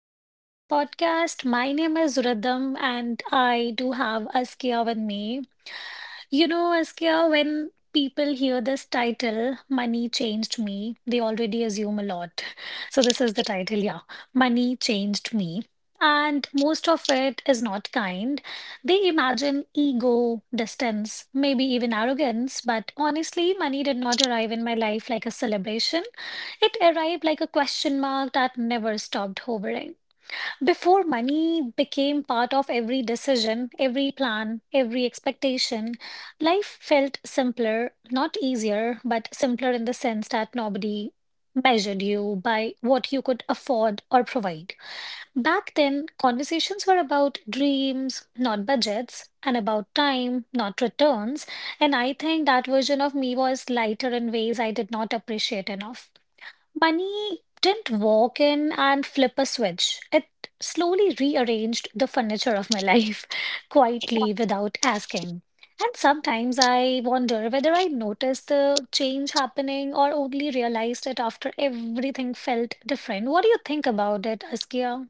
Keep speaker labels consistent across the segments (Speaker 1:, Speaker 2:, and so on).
Speaker 1: Welcome to this podcast. My name is Rhythm, and I do have Askia with me. You know, Askia, when people hear this title, Money Changed Me, they already assume a lot. So, this is the title, yeah. Money Changed Me. And most of it is not kind. They imagine ego, distance, maybe even arrogance. But honestly, money did not arrive in my life like a celebration. It arrived like a question mark that never stopped hovering. Before money became part of every decision, every plan, every expectation, life felt simpler, not easier, but simpler in the sense that nobody measured you by what you could afford or provide. Back then, conversations were about dreams, not budgets, and about time, not returns. And I think that version of me was lighter in ways I did not appreciate enough. Money didn't walk in and flip a switch. It slowly rearranged the furniture of my life, quietly without asking. And sometimes I wonder whether I noticed the change happening or only realized it after everything felt different. What do you think about it, Askia?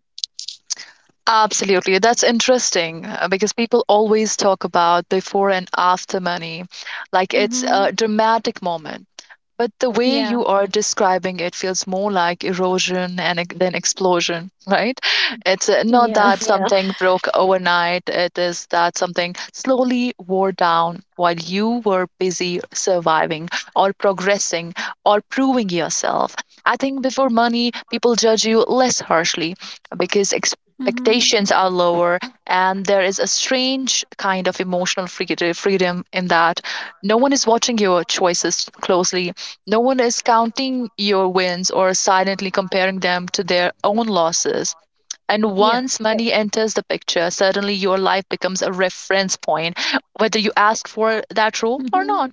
Speaker 2: Absolutely. That's interesting because people always talk about before and after money, like it's
Speaker 1: Mm-hmm.
Speaker 2: a dramatic moment. But the way
Speaker 1: Yeah.
Speaker 2: you are describing it feels more like erosion and ex- than explosion, right? It's not
Speaker 1: Yeah.
Speaker 2: that something broke overnight. It is that something slowly wore down while you were busy surviving or progressing or proving yourself. I think before money, people judge you less harshly because
Speaker 1: Mm-hmm.
Speaker 2: expectations are lower, and there is a strange kind of emotional freedom in that. No one is watching your choices closely, no one is counting your wins or silently comparing them to their own losses. And
Speaker 1: Yeah.
Speaker 2: once money enters the picture, suddenly your life becomes a reference point, whether you ask for that role or
Speaker 1: Mm-hmm.
Speaker 2: not.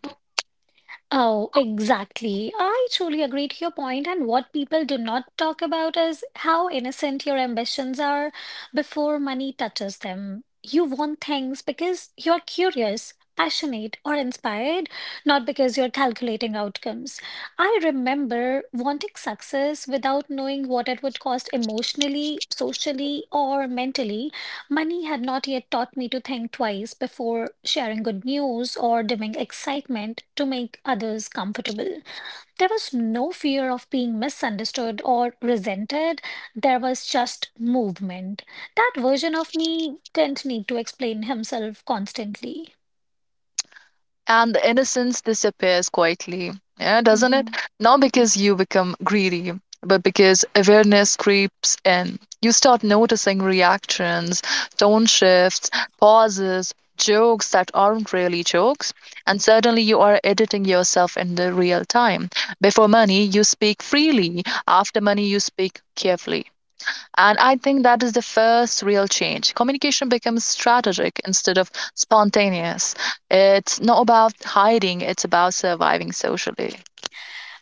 Speaker 1: Oh, exactly. I truly agree to your point, and what people do not talk about is how innocent your ambitions are before money touches them. You want things because you're curious, passionate, or inspired, not because you're calculating outcomes. I remember wanting success without knowing what it would cost emotionally, socially, or mentally. Money had not yet taught me to think twice before sharing good news or doing excitement to make others comfortable. There was no fear of being misunderstood or resented. There was just movement. That version of me didn't need to explain himself constantly.
Speaker 2: And the innocence disappears quietly, yeah, doesn't it?
Speaker 1: Mhm.
Speaker 2: Not because you become greedy, but because awareness creeps in. You start noticing reactions, tone shifts, pauses, jokes that aren't really jokes, and suddenly you are editing yourself in the real time. Before money you speak freely, after money you speak carefully, and I think that is the first real change. Communication becomes strategic instead of spontaneous. It's not about hiding, it's about surviving socially.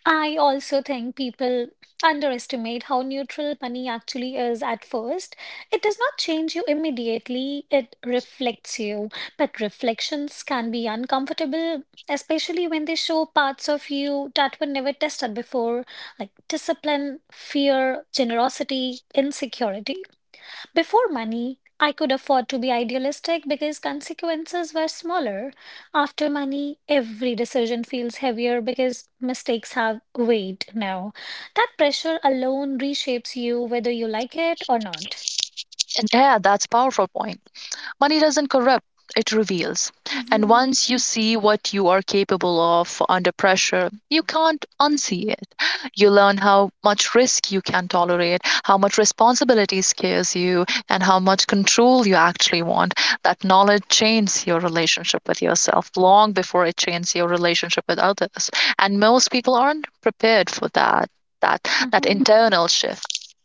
Speaker 1: I also think people underestimate how neutral money actually is at first. It does not change you immediately, it reflects you. But reflections can be uncomfortable, especially when they show parts of you that were never tested before, like discipline, fear, generosity, insecurity. Before money, I could afford to be idealistic because consequences were smaller. After money, every decision feels heavier because mistakes have weight now. That pressure alone reshapes you whether you like it or not.
Speaker 2: And yeah, that's a powerful point. Money doesn't corrupt, it reveals. And
Speaker 1: Hmm.
Speaker 2: once you see what you are capable of under pressure, you can't unsee it. You learn how much risk you can tolerate, how much responsibility scares you, and how much control you actually want. That knowledge changes your relationship with yourself long before it changes your relationship with others. And most people aren't prepared for that that internal shift.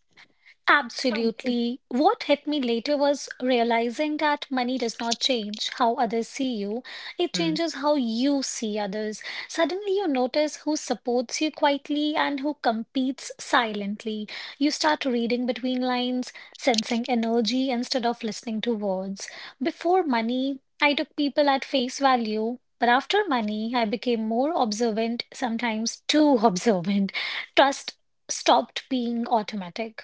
Speaker 1: Absolutely. What hit me later was realizing that money does not change how others see you, it
Speaker 2: Mm.
Speaker 1: changes how you see others. Suddenly, you notice who supports you quietly and who competes silently. You start reading between lines, sensing energy instead of listening to words. Before money, I took people at face value. But after money, I became more observant, sometimes too observant. Trust stopped being automatic.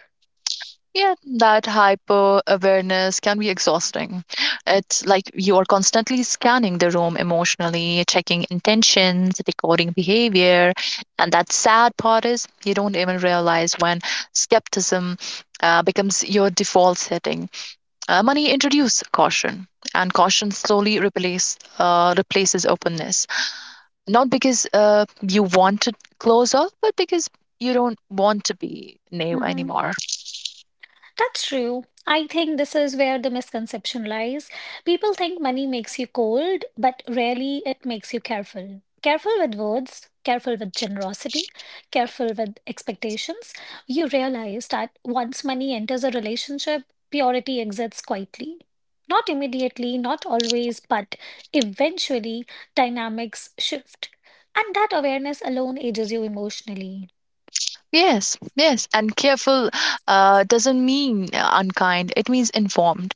Speaker 2: Yeah, that hyper awareness can be exhausting. It's like you are constantly scanning the room emotionally, checking intentions, decoding behavior. And that sad part is you don't even realize when skepticism becomes your default setting. Money introduce caution, and caution slowly replaces openness. Not because you want to close off, but because you don't want to be naive
Speaker 1: Mhm.
Speaker 2: anymore.
Speaker 1: That's true. I think this is where the misconception lies. People think money makes you cold, but rarely it makes you careful. Careful with words, careful with generosity, careful with expectations. You realize that once money enters a relationship, purity exits quietly. Not immediately, not always, but eventually dynamics shift. And that awareness alone ages you emotionally.
Speaker 2: Yes, yes, and careful doesn't mean unkind. It means informed.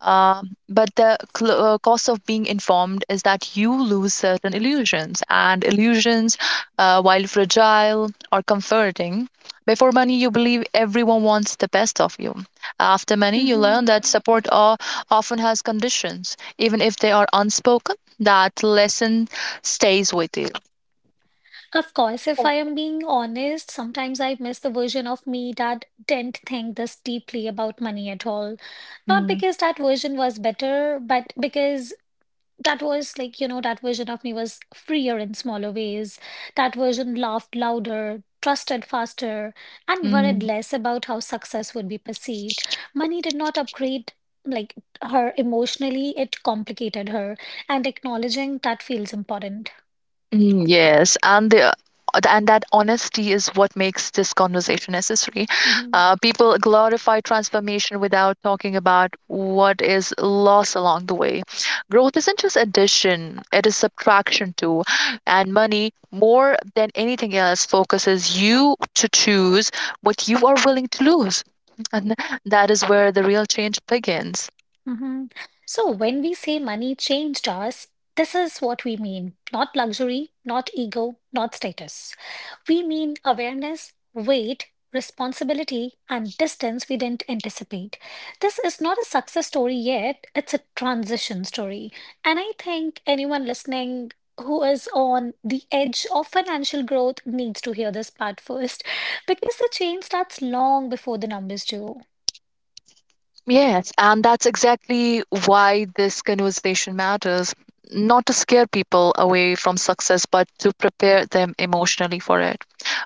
Speaker 2: Uh, but the cost of being informed is that you lose certain illusions, and illusions, while fragile or comforting, before money you believe everyone wants the best of you. After money, you
Speaker 1: Mm-hmm.
Speaker 2: learn that support often has conditions, even if they are unspoken. That lesson stays with you.
Speaker 1: Of course, if I am being honest, sometimes I miss the version of me that didn't think this deeply about money at all. Not
Speaker 2: Mm,
Speaker 1: because that version was better, but because that was like, that version of me was freer in smaller ways. That version laughed louder, trusted faster, and worried
Speaker 2: mm.
Speaker 1: less about how success would be perceived. Money did not upgrade like her emotionally, it complicated her, and acknowledging that feels important.
Speaker 2: Yes, and that honesty is what makes this conversation necessary.
Speaker 1: Mhm.
Speaker 2: People glorify transformation without talking about what is lost along the way. Growth isn't just addition; it is subtraction too. And money, more than anything else, focuses you to choose what you are willing to lose, and that is where the real change begins.
Speaker 1: Hmm. So when we say money changed us, this is what we mean. Not luxury, not ego, not status. We mean awareness, weight, responsibility, and distance we didn't anticipate. This is not a success story yet, it's a transition story. And I think anyone listening who is on the edge of financial growth needs to hear this part first because the change starts long before the numbers do.
Speaker 2: Yes, and that's exactly why this conversation matters. Not to scare people away from success, but to prepare them emotionally for it.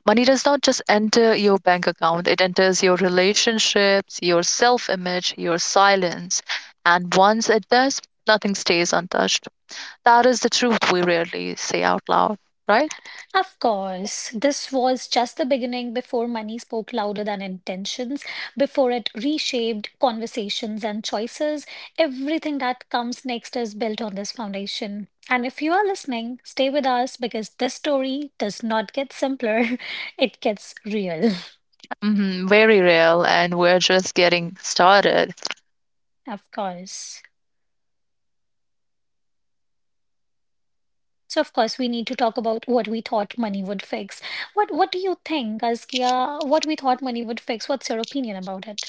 Speaker 2: Money does not just enter your bank account, it enters your relationships, your self image, your silence. And once it does, nothing stays untouched. That is the truth we rarely say out loud, right?
Speaker 1: Of course, this was just the beginning before money spoke louder than intentions, before it reshaped conversations and choices. Everything that comes next is built on this foundation. And if you are listening, stay with us because this story does not get simpler, it gets real.
Speaker 2: Hmm, very real, and we're just getting started.
Speaker 1: Of course. So of course we need to talk about what we thought money would fix. What do you think, Askia? What we thought money would fix? What's your opinion about it?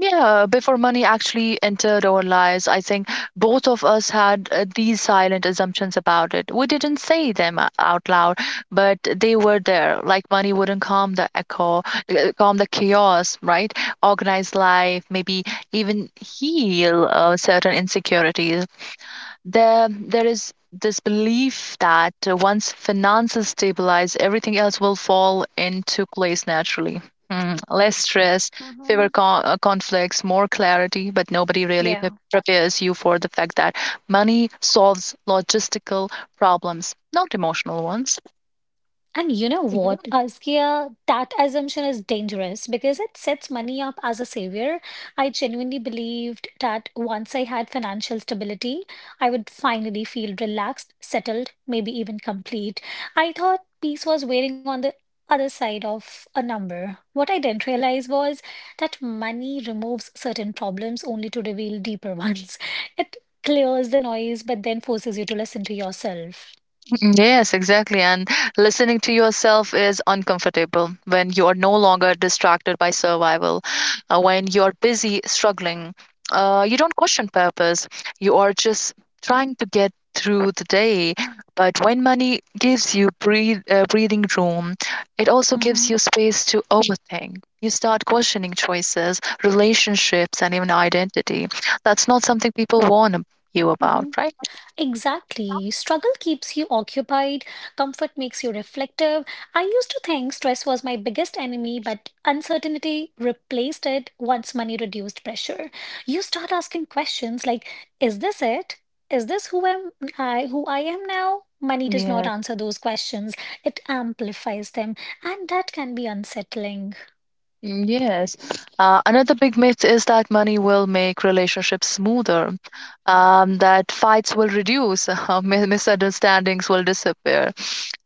Speaker 2: Yeah, before money actually entered our lives, I think both of us had these silent assumptions about it. We didn't say them out loud, but they were there. Like money wouldn't calm the echo, calm the chaos, right? Organize life, maybe even heal certain insecurities. There is this belief that once finances stabilize, everything else will fall into place naturally. Mm, less stress, fewer
Speaker 1: Hmm.
Speaker 2: con- uh, conflicts, more clarity, but nobody really
Speaker 1: Yeah.
Speaker 2: prepares you for the fact that money solves logistical problems, not emotional ones.
Speaker 1: And you know what, Askia, that assumption is dangerous because it sets money up as a savior. I genuinely believed that once I had financial stability, I would finally feel relaxed, settled, maybe even complete. I thought peace was waiting on the other side of a number. What I didn't realize was that money removes certain problems only to reveal deeper ones. It clears the noise, but then forces you to listen to yourself.
Speaker 2: Yes, exactly. And listening to yourself is uncomfortable when you are no longer distracted by survival, when you're busy struggling. You don't question purpose, you are just trying to get through the day. But when money gives you breathing room, it also gives you
Speaker 1: Mm-hmm.
Speaker 2: space to overthink. You start questioning choices, relationships, and even identity. That's not something people warn you about,
Speaker 1: Mm-hmm.
Speaker 2: right?
Speaker 1: Exactly. Struggle keeps you occupied, comfort makes you reflective. I used to think stress was my biggest enemy, but uncertainty replaced it once money reduced pressure. You start asking questions like, is this it? Is this who I am now? Money does not
Speaker 2: Yes.
Speaker 1: answer those questions. It amplifies them, and that can be unsettling.
Speaker 2: Mm, yes. Another big myth is that money will make relationships smoother, that fights will reduce, misunderstandings will disappear,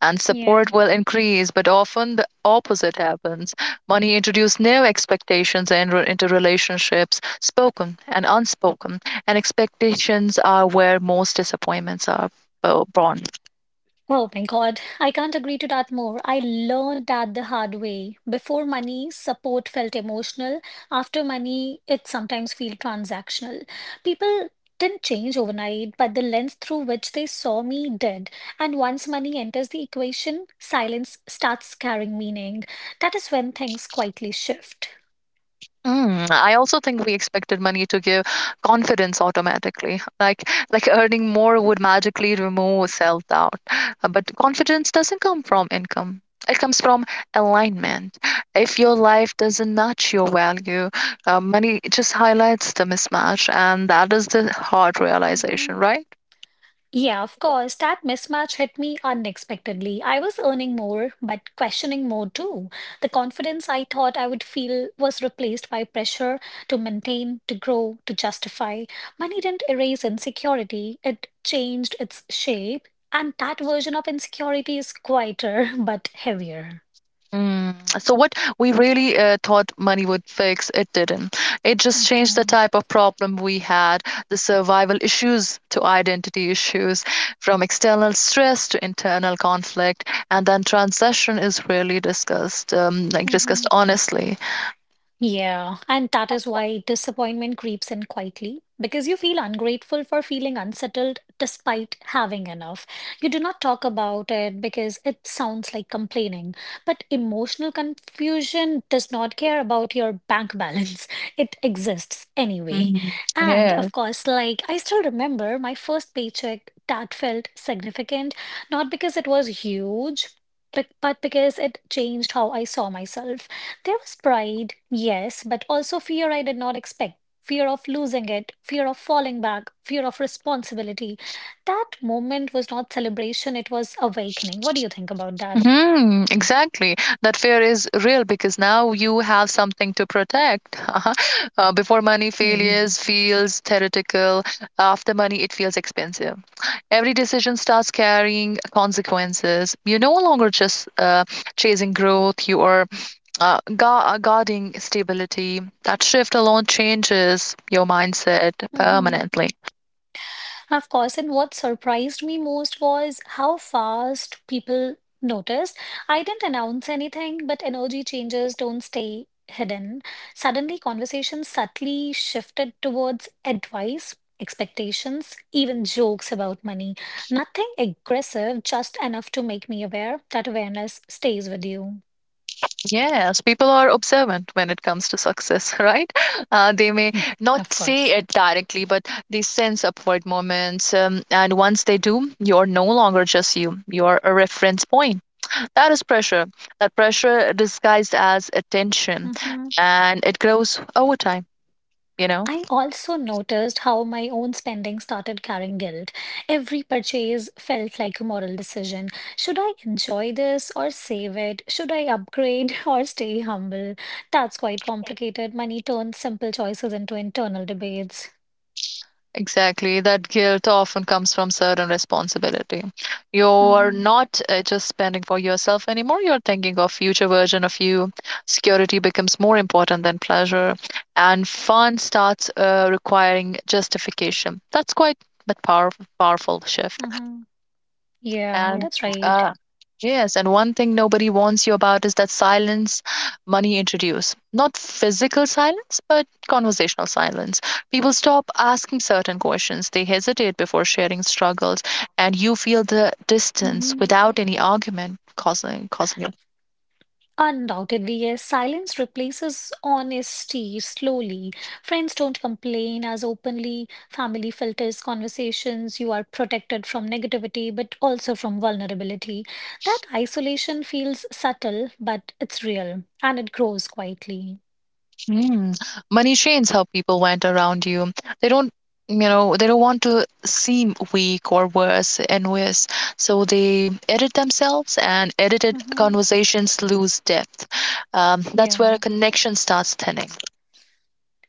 Speaker 2: and
Speaker 1: Yeah.
Speaker 2: support will increase. But often the opposite happens. Money introduces new expectations into relationships, spoken and unspoken, and expectations are where most disappointments are born.
Speaker 1: Oh my God, I can't agree to that more. I learned that the hard way. Before money, support felt emotional. After money, it sometimes feels transactional. People didn't change overnight, but the lens through which they saw me did. And once money enters the equation, silence starts carrying meaning. That is when things quietly shift.
Speaker 2: Mm, I also think we expected money to give confidence automatically, like earning more would magically remove self-doubt. But confidence doesn't come from income. It comes from alignment. If your life doesn't match your value, money just highlights the mismatch, and that is the hard realization,
Speaker 1: Mhm.
Speaker 2: right?
Speaker 1: Yeah, of course. That mismatch hit me unexpectedly. I was earning more, but questioning more too. The confidence I thought I would feel was replaced by pressure to maintain, to grow, to justify. Money didn't erase insecurity, it changed its shape. And that version of insecurity is quieter but heavier.
Speaker 2: Mm. So what we really thought money would fix, it didn't. It just changed the
Speaker 1: Hmm.
Speaker 2: type of problem we had, the survival issues to identity issues, from external stress to internal conflict, and then transition is really discussed, like
Speaker 1: Hmm.
Speaker 2: discussed honestly.
Speaker 1: Yeah, and that is why disappointment creeps in quietly because you feel ungrateful for feeling unsettled despite having enough. You do not talk about it because it sounds like complaining, but emotional confusion does not care about your bank balance. It exists anyway.
Speaker 2: Mhm.
Speaker 1: And
Speaker 2: Yeah,
Speaker 1: of course, like I still remember my first paycheck that felt significant, not because it was huge, but because it changed how I saw myself. There was pride, yes, but also fear I did not expect. Fear of losing it, fear of falling back, fear of responsibility. That moment was not celebration, it was awakening. What do you think about that?
Speaker 2: hmm, exactly. That fear is real because now you have something to protect. Uh-huh. Before money
Speaker 1: Mm.
Speaker 2: failures feels theoretical. After money, it feels expensive. Every decision starts carrying consequences. You're no longer just chasing growth. You are guarding stability. That shift alone changes your mindset permanently.
Speaker 1: Of course, and what surprised me most was how fast people noticed. I didn't announce anything, but energy changes don't stay hidden. Suddenly, conversations subtly shifted towards advice, expectations, even jokes about money. Nothing aggressive, just enough to make me aware. That awareness stays with you,
Speaker 2: Yes, people are observant when it comes to success, right? They may not
Speaker 1: of
Speaker 2: say
Speaker 1: course.
Speaker 2: it directly, but they sense upward moments. And once they do, you're no longer just you, you're a reference point. That is pressure. That pressure disguised as attention,
Speaker 1: Hmm.
Speaker 2: and it grows over time, you know?
Speaker 1: I also noticed how my own spending started carrying guilt. Every purchase felt like a moral decision. Should I enjoy this or save it? Should I upgrade or stay humble? That's quite complicated. Money turns simple choices into internal debates.
Speaker 2: Exactly. That guilt often comes from certain responsibility. You are
Speaker 1: Mm-hmm.
Speaker 2: not just spending for yourself anymore. You're thinking of future version of you. Security becomes more important than pleasure, and fun starts requiring justification. That's quite a powerful, powerful shift.
Speaker 1: Mm-hmm. Yeah,
Speaker 2: And
Speaker 1: that's right.
Speaker 2: uh, yes, and one thing nobody warns you about is that silence money introduce. Not physical silence, but conversational silence. People stop asking certain questions. They hesitate before sharing struggles, and you feel the distance
Speaker 1: Mm-hmm.
Speaker 2: without any argument causing.
Speaker 1: Undoubtedly, yes. Silence replaces honesty slowly. Friends don't complain as openly. Family filters conversations. You are protected from negativity, but also from vulnerability. That isolation feels subtle, but it's real and it grows quietly.
Speaker 2: Mm. Money trains how people went around you. They don't, You know, they don't want to seem weak or worse, envious. So they edit themselves, and edited
Speaker 1: Hmm.
Speaker 2: conversations lose depth. That's where
Speaker 1: Yeah.
Speaker 2: a connection starts thinning.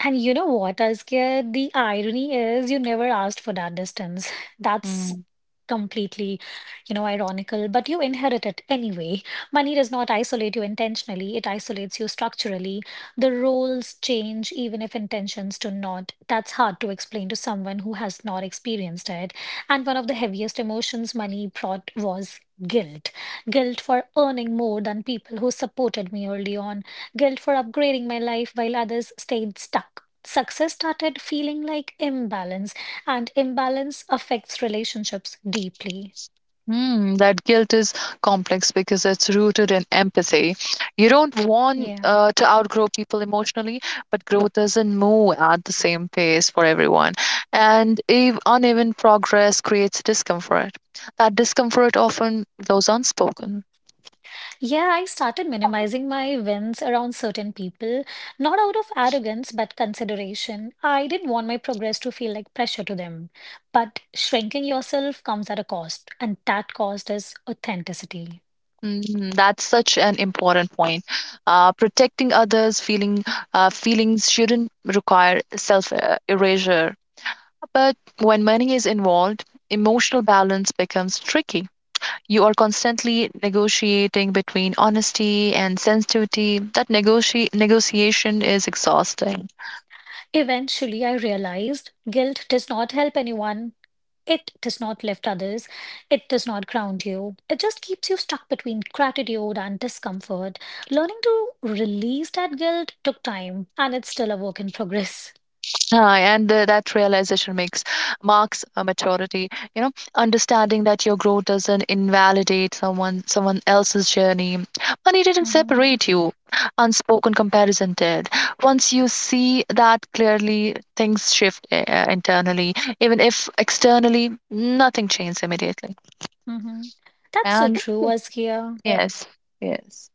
Speaker 1: And you know what, Azkia? The irony is you never asked for that distance. That's completely ironical, but you inherit it anyway. Money does not isolate you intentionally, it isolates you structurally. The roles change even if intentions do not. That's hard to explain to someone who has not experienced it. And one of the heaviest emotions money brought was guilt. Guilt for earning more than people who supported me early on. Guilt for upgrading my life while others stayed stuck. Success started feeling like imbalance, and imbalance affects relationships deeply.
Speaker 2: Hmm, that guilt is complex because it's rooted in empathy. You don't want
Speaker 1: Yeah.
Speaker 2: uh, to outgrow people emotionally, but growth doesn't move at the same pace for everyone. And uneven progress creates discomfort. That discomfort often goes unspoken.
Speaker 1: Yeah, I started minimizing my wins around certain people, not out of arrogance, but consideration. I didn't want my progress to feel like pressure to them. But shrinking yourself comes at a cost, and that cost is authenticity.
Speaker 2: Mm, that's such an important point. Protecting others' feelings shouldn't require self erasure. But when money is involved, emotional balance becomes tricky. You are constantly negotiating between honesty and sensitivity. That negotiation is exhausting.
Speaker 1: Eventually, I realized guilt does not help anyone. It does not lift others. It does not ground you. It just keeps you stuck between gratitude and discomfort. Learning to release that guilt took time, and it's still a work in progress.
Speaker 2: And that realization makes marks a maturity, you know, understanding that your growth doesn't invalidate someone else's journey. Money didn't
Speaker 1: Hmm.
Speaker 2: separate you, unspoken comparison did. Once you see that clearly, things shift internally, even if externally nothing changes immediately.
Speaker 1: Hmm. That's so
Speaker 2: And
Speaker 1: true, Askia.
Speaker 2: yes, yes.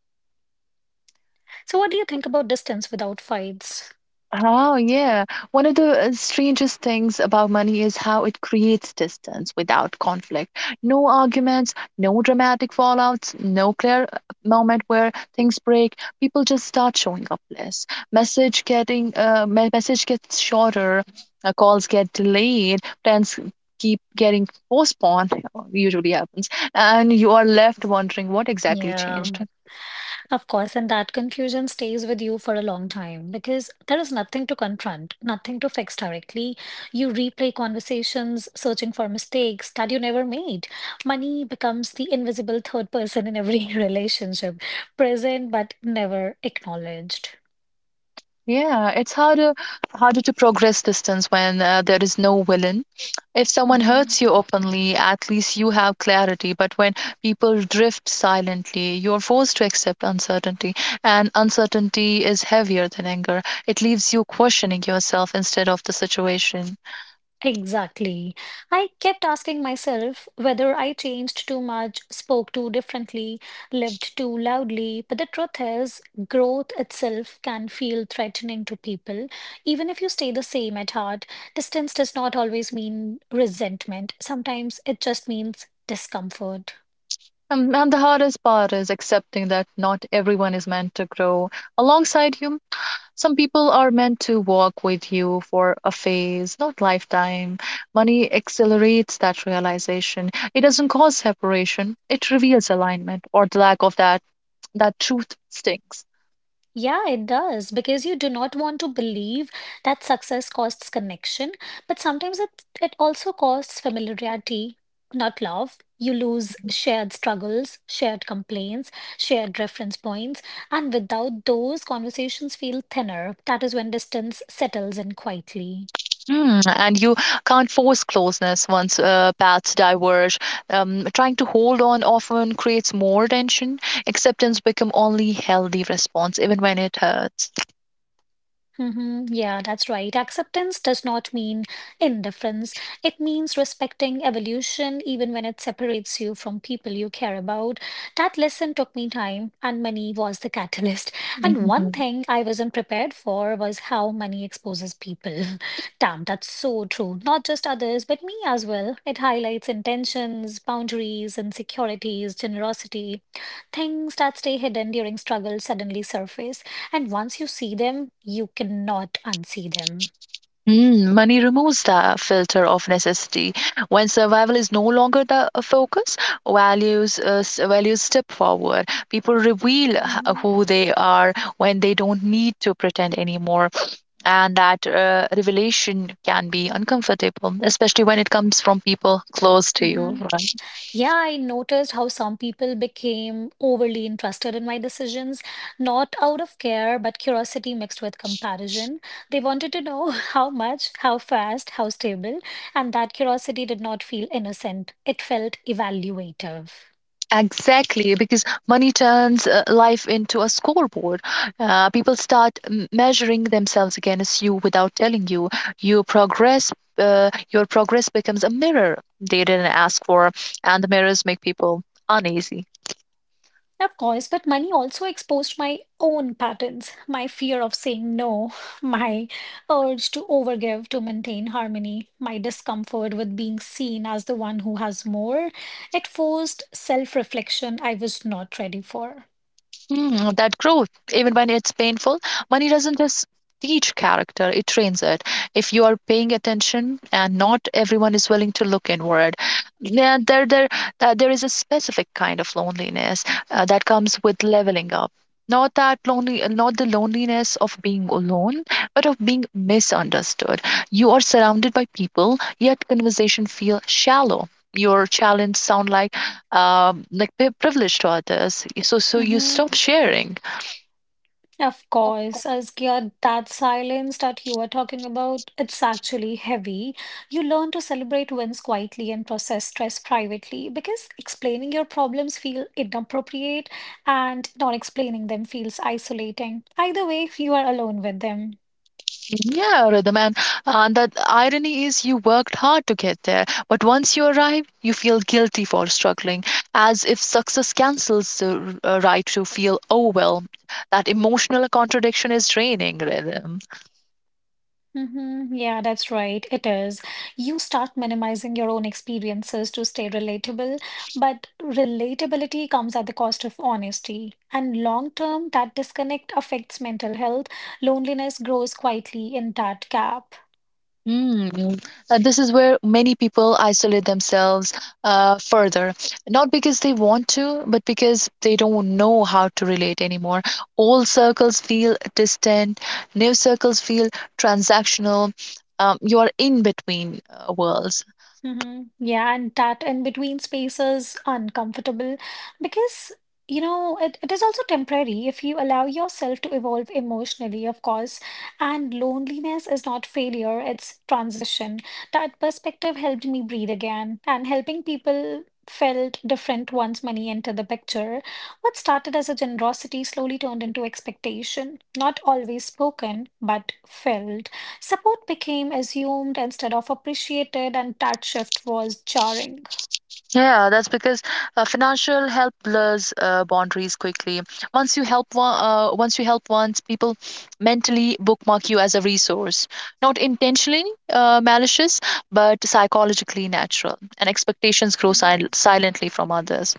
Speaker 1: So, what do you think about distance without fights?
Speaker 2: Oh, yeah. One of the strangest things about money is how it creates distance without conflict. No arguments, no dramatic fallouts, no clear moment where things break. People just start showing up less. Message gets shorter, calls get delayed, plans keep getting postponed. Usually happens, and you are left wondering what exactly
Speaker 1: Yeah.
Speaker 2: changed.
Speaker 1: Of course, and that confusion stays with you for a long time because there is nothing to confront, nothing to fix directly. You replay conversations, searching for mistakes that you never made. Money becomes the invisible third person in every relationship, present but never acknowledged.
Speaker 2: Yeah, it's harder to progress distance when there is no villain. If someone hurts
Speaker 1: Mhm.
Speaker 2: you openly, at least you have clarity. But when people drift silently, you're forced to accept uncertainty, and uncertainty is heavier than anger. It leaves you questioning yourself instead of the situation.
Speaker 1: Exactly. I kept asking myself whether I changed too much, spoke too differently, lived too loudly. But the truth is, growth itself can feel threatening to people. Even if you stay the same at heart, distance does not always mean resentment. Sometimes it just means discomfort.
Speaker 2: And the hardest part is accepting that not everyone is meant to grow alongside you. Some people are meant to walk with you for a phase, not lifetime. Money accelerates that realization. It doesn't cause separation, it reveals alignment or the lack of that. That truth stings.
Speaker 1: Yeah, it does because you do not want to believe that success costs connection, but sometimes it also costs familiarity, not love. You lose shared struggles, shared complaints, shared reference points, and without those, conversations feel thinner. That is when distance settles in quietly.
Speaker 2: Mm, and you can't force closeness once paths diverge. Trying to hold on often creates more tension. Acceptance become only healthy response, even when it hurts.
Speaker 1: Mm-hmm. Yeah, that's right. Acceptance does not mean indifference. It means respecting evolution, even when it separates you from people you care about. That lesson took me time, and money was the catalyst. And one thing I wasn't prepared for was how money exposes people. Damn, that's so true. Not just others, but me as well. It highlights intentions, boundaries, insecurities, generosity. Things that stay hidden during struggle suddenly surface. And once you see them, you cannot unsee them.
Speaker 2: Mm, money removes the filter of necessity. When survival is no longer the focus, values values step forward. People reveal
Speaker 1: Mhm,
Speaker 2: who they are when they don't need to pretend anymore, and that revelation can be uncomfortable, especially when it comes from people close to you,
Speaker 1: mhm.
Speaker 2: right?
Speaker 1: Yeah, I noticed how some people became overly interested in my decisions, not out of care, but curiosity mixed with comparison. They wanted to know, how much, how fast, how stable, and that curiosity did not feel innocent. It felt evaluative.
Speaker 2: Exactly, because money turns life into a scoreboard. People start measuring themselves against you without telling you. Your progress becomes a mirror they didn't ask for, and the mirrors make people uneasy.
Speaker 1: Of course, but money also exposed my own patterns, my fear of saying no, my urge to overgive to maintain harmony, my discomfort with being seen as the one who has more. It forced self reflection I was not ready for.
Speaker 2: Mm, that growth, even when it's painful, money doesn't just teach character, it trains it. If you are paying attention and not everyone is willing to look inward, yeah, there is a specific kind of loneliness that comes with leveling up. Not that lonely, not the loneliness of being alone, but of being misunderstood. You are surrounded by people, yet conversation feel shallow. Your challenge sound like like privilege to others. So you
Speaker 1: Mhm.
Speaker 2: stop sharing.
Speaker 1: Of course, Azkia, that silence that you are talking about, it's actually heavy. You learn to celebrate wins quietly and process stress privately because explaining your problems feel inappropriate and not explaining them feels isolating. Either way, you are alone with them.
Speaker 2: Yeah, rhythm, and that irony is you worked hard to get there, but once you arrive, you feel guilty for struggling, as if success cancels the right to feel overwhelmed. That emotional contradiction is draining, rhythm.
Speaker 1: Hmm. Yeah, that's right. It is. You start minimizing your own experiences to stay relatable, but relatability comes at the cost of honesty. And long term, that disconnect affects mental health. Loneliness grows quietly in that gap.
Speaker 2: Mm. This is where many people isolate themselves further, not because they want to, but because they don't know how to relate anymore. Old circles feel distant, new circles feel transactional. You are in between worlds.
Speaker 1: Hmm. Yeah, and that in between space is uncomfortable because, it is also temporary if you allow yourself to evolve emotionally, of course. And loneliness is not failure, it's transition. That perspective helped me breathe again, and helping people felt different once money entered the picture. What started as a generosity slowly turned into expectation, not always spoken, but felt. Support became assumed instead of appreciated, and that shift was jarring.
Speaker 2: Yeah, that's because financial help blurs boundaries quickly. Once you help once, people mentally bookmark you as a resource, not intentionally malicious, but psychologically natural, and expectations grow
Speaker 1: Mhm.
Speaker 2: silently from others.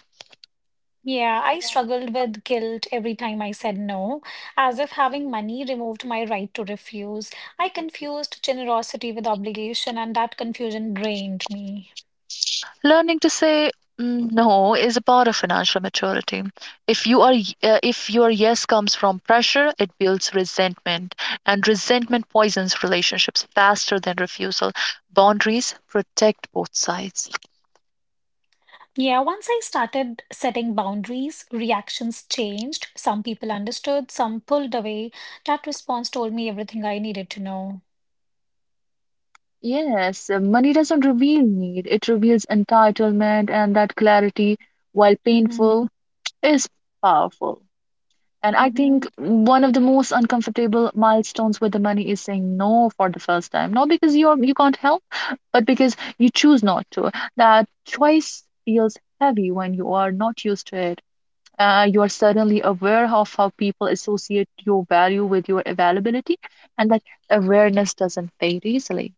Speaker 1: Yeah, I struggled with guilt every time I said no, as if having money removed my right to refuse. I confused generosity with obligation, and that confusion drained me.
Speaker 2: Learning to say "Mm, no is a part of financial maturity. If your yes comes from pressure, it builds resentment, and resentment poisons relationships faster than refusal. Boundaries protect both sides.
Speaker 1: Yeah, once I started setting boundaries, reactions changed. Some people understood, some pulled away. That response told me everything I needed to know.
Speaker 2: Yes, money doesn't reveal need, it reveals entitlement, and that clarity, while
Speaker 1: Mm-hmm.
Speaker 2: painful, is powerful. And I think
Speaker 1: Mm-hmm.
Speaker 2: one of the most uncomfortable milestones with the money is saying no for the first time. Not because you can't help, but because you choose not to. That choice feels heavy when you are not used to it. You are suddenly aware of how people associate your value with your availability, and that awareness doesn't fade easily.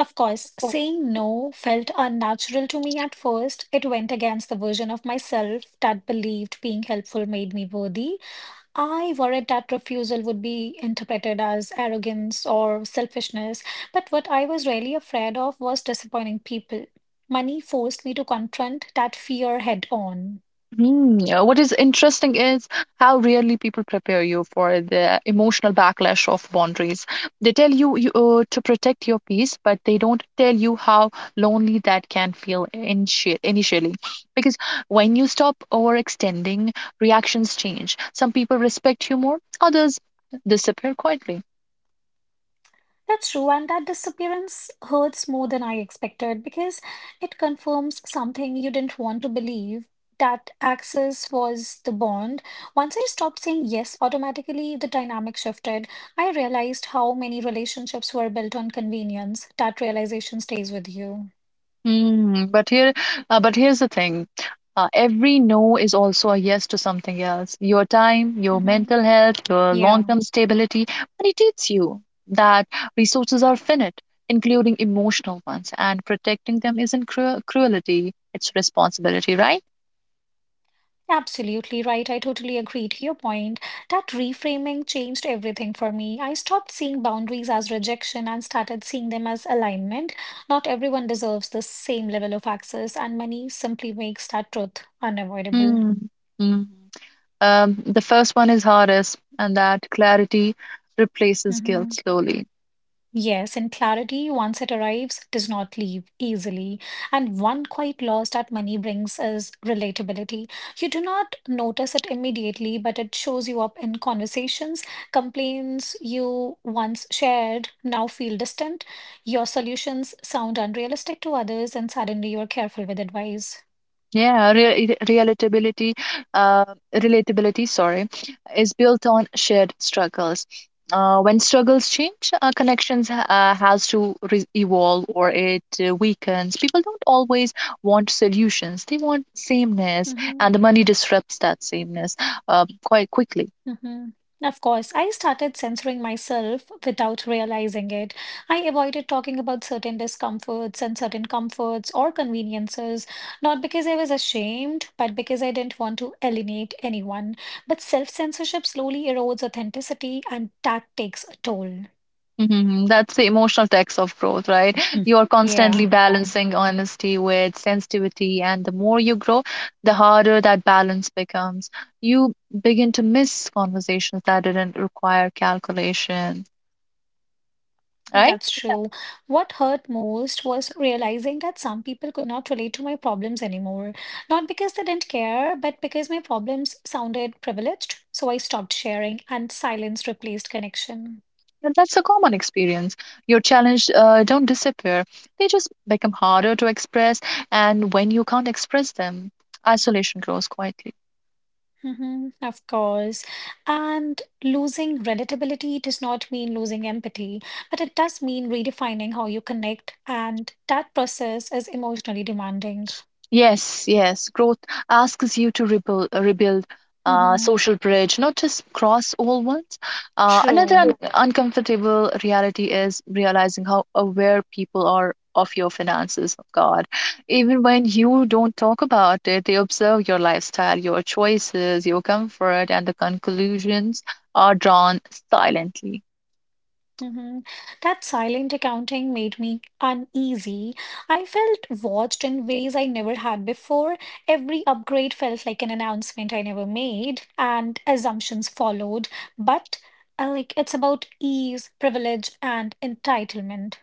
Speaker 1: Of course, saying no felt unnatural to me at first. It went against the version of myself that believed being helpful made me worthy. I worried that refusal would be interpreted as arrogance or selfishness, but what I was really afraid of was disappointing people. Money forced me to confront that fear head on.
Speaker 2: Hmm, yeah, what is interesting is how rarely people prepare you for the emotional backlash of boundaries. They tell you, to protect your peace, but they don't tell you how lonely that can feel initially. Because when you stop overextending, reactions change. Some people respect you more, others disappear quietly.
Speaker 1: That's true, and that disappearance hurts more than I expected because it confirms something you didn't want to believe that access was the bond. Once I stopped saying yes automatically, the dynamic shifted. I realized how many relationships were built on convenience. That realization stays with you.
Speaker 2: Mm, but here, but here's the thing. Every no is also a yes to something else. Your time, your
Speaker 1: Hmm.
Speaker 2: mental health, your
Speaker 1: Yeah.
Speaker 2: long-term stability. But it teaches you that resources are finite, including emotional ones, and protecting them isn't cruelty, it's responsibility, right?
Speaker 1: Absolutely right. I totally agree to your point. That reframing changed everything for me. I stopped seeing boundaries as rejection and started seeing them as alignment. Not everyone deserves the same level of access, and money simply makes that truth unavoidable.
Speaker 2: Hmm. mm. The first one is hardest, and that clarity replaces guilt
Speaker 1: Mhm.
Speaker 2: slowly.
Speaker 1: Yes, and clarity, once it arrives, does not leave easily. And one quiet loss that money brings is relatability. You do not notice it immediately, but it shows you up in conversations. Complaints you once shared now feel distant. Your solutions sound unrealistic to others, and suddenly you're careful with advice.
Speaker 2: Yeah, re it- relatability, uh, Relatability, sorry, is built on shared struggles. When struggles change, connections has to re evolve or it weakens. People don't always want solutions; they want sameness,
Speaker 1: Mhm.
Speaker 2: and the money disrupts that sameness quite quickly.
Speaker 1: Hmm. Of course, I started censoring myself without realizing it. I avoided talking about certain discomforts and certain comforts or conveniences, not because I was ashamed, but because I didn't want to alienate anyone. But self-censorship slowly erodes authenticity, and that takes a toll.
Speaker 2: Mhm. That's the emotional tax of growth, right?
Speaker 1: Hmm.
Speaker 2: You're constantly
Speaker 1: Yeah.
Speaker 2: balancing honesty with sensitivity, and the more you grow, the harder that balance becomes. You begin to miss conversations that didn't require calculation,
Speaker 1: Think
Speaker 2: right?
Speaker 1: that's true. What hurt most was realizing that some people could not relate to my problems anymore. Not because they didn't care, but because my problems sounded privileged. So I stopped sharing, and silence replaced connection.
Speaker 2: And that's a common experience. Your challenge don't disappear; they just become harder to express, and when you can't express them, isolation grows quietly.
Speaker 1: Hmm. Of course. And losing relatability does not mean losing empathy, but it does mean redefining how you connect, and that process is emotionally demanding.
Speaker 2: Yes. Growth asks you to rebuild,
Speaker 1: Hmm.
Speaker 2: social bridge, not just cross old ones. Another
Speaker 1: True.
Speaker 2: un uncomfortable reality is realizing how aware people are of your finances, of God. Even when you don't talk about it, they observe your lifestyle, your choices, your comfort, and the conclusions are drawn silently.
Speaker 1: Hmm. That silent accounting made me uneasy. I felt watched in ways I never had before. Every upgrade felt like an announcement I never made, and assumptions followed. But like it's about ease, privilege, and entitlement.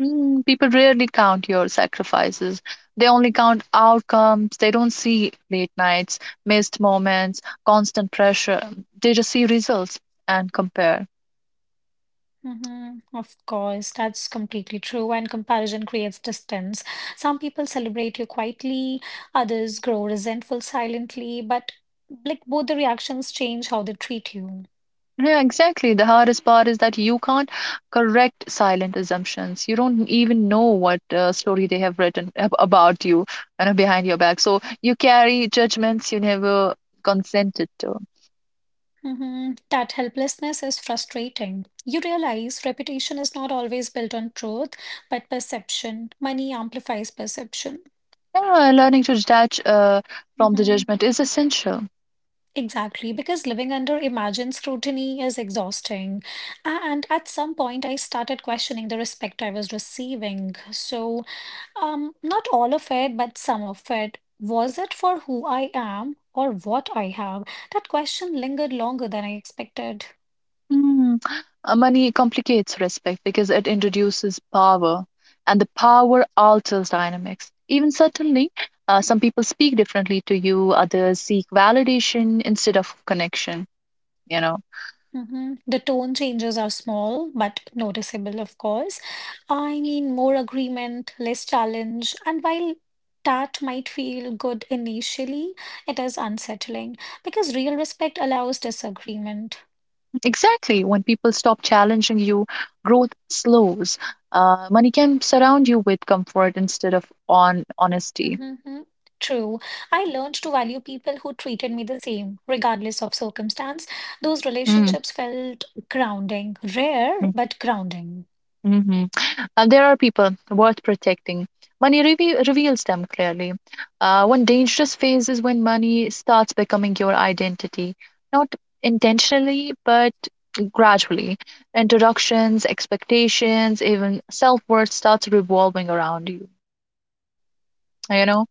Speaker 2: Mm, people rarely count your sacrifices. They only count outcomes. They don't see late nights, missed moments, constant pressure. They just see results and compare.
Speaker 1: Hmm. Of course, that's completely true. And comparison creates distance. Some people celebrate you quietly, others grow resentful silently, but like both the reactions change how they treat you.
Speaker 2: Yeah, exactly. The hardest part is that you can't correct silent assumptions. You don't even know what story they have written about you you know, behind your back. So you carry judgments you never consented to.
Speaker 1: Mhm. That helplessness is frustrating. You realize reputation is not always built on truth, but perception. Money amplifies perception.
Speaker 2: Yeah, learning to detach from the
Speaker 1: Mhm.
Speaker 2: judgment is essential.
Speaker 1: Exactly, because living under imagined scrutiny is exhausting. And at some point, I started questioning the respect I was receiving. So, not all of it, but some of it. Was it for who I am or what I have? That question lingered longer than I expected.
Speaker 2: Mm, money complicates respect because it introduces power, and the power alters dynamics. Even certainly, some people speak differently to you, others seek validation instead of connection, you know.
Speaker 1: Mhm. The tone changes are small but noticeable, of course. I mean, more agreement, less challenge, and while that might feel good initially, it is unsettling because real respect allows disagreement.
Speaker 2: Exactly. When people stop challenging you, growth slows. Money can surround you with comfort instead of on honesty.
Speaker 1: Mhm. True. I learned to value people who treated me the same, regardless of circumstance. Those
Speaker 2: Mm.
Speaker 1: relationships felt grounding, rare, but grounding.
Speaker 2: hmm there are people worth protecting. Money reveals them clearly. One dangerous phase is when money starts becoming your identity, not intentionally, but gradually. Introductions, expectations, even self worth starts revolving around you. You know,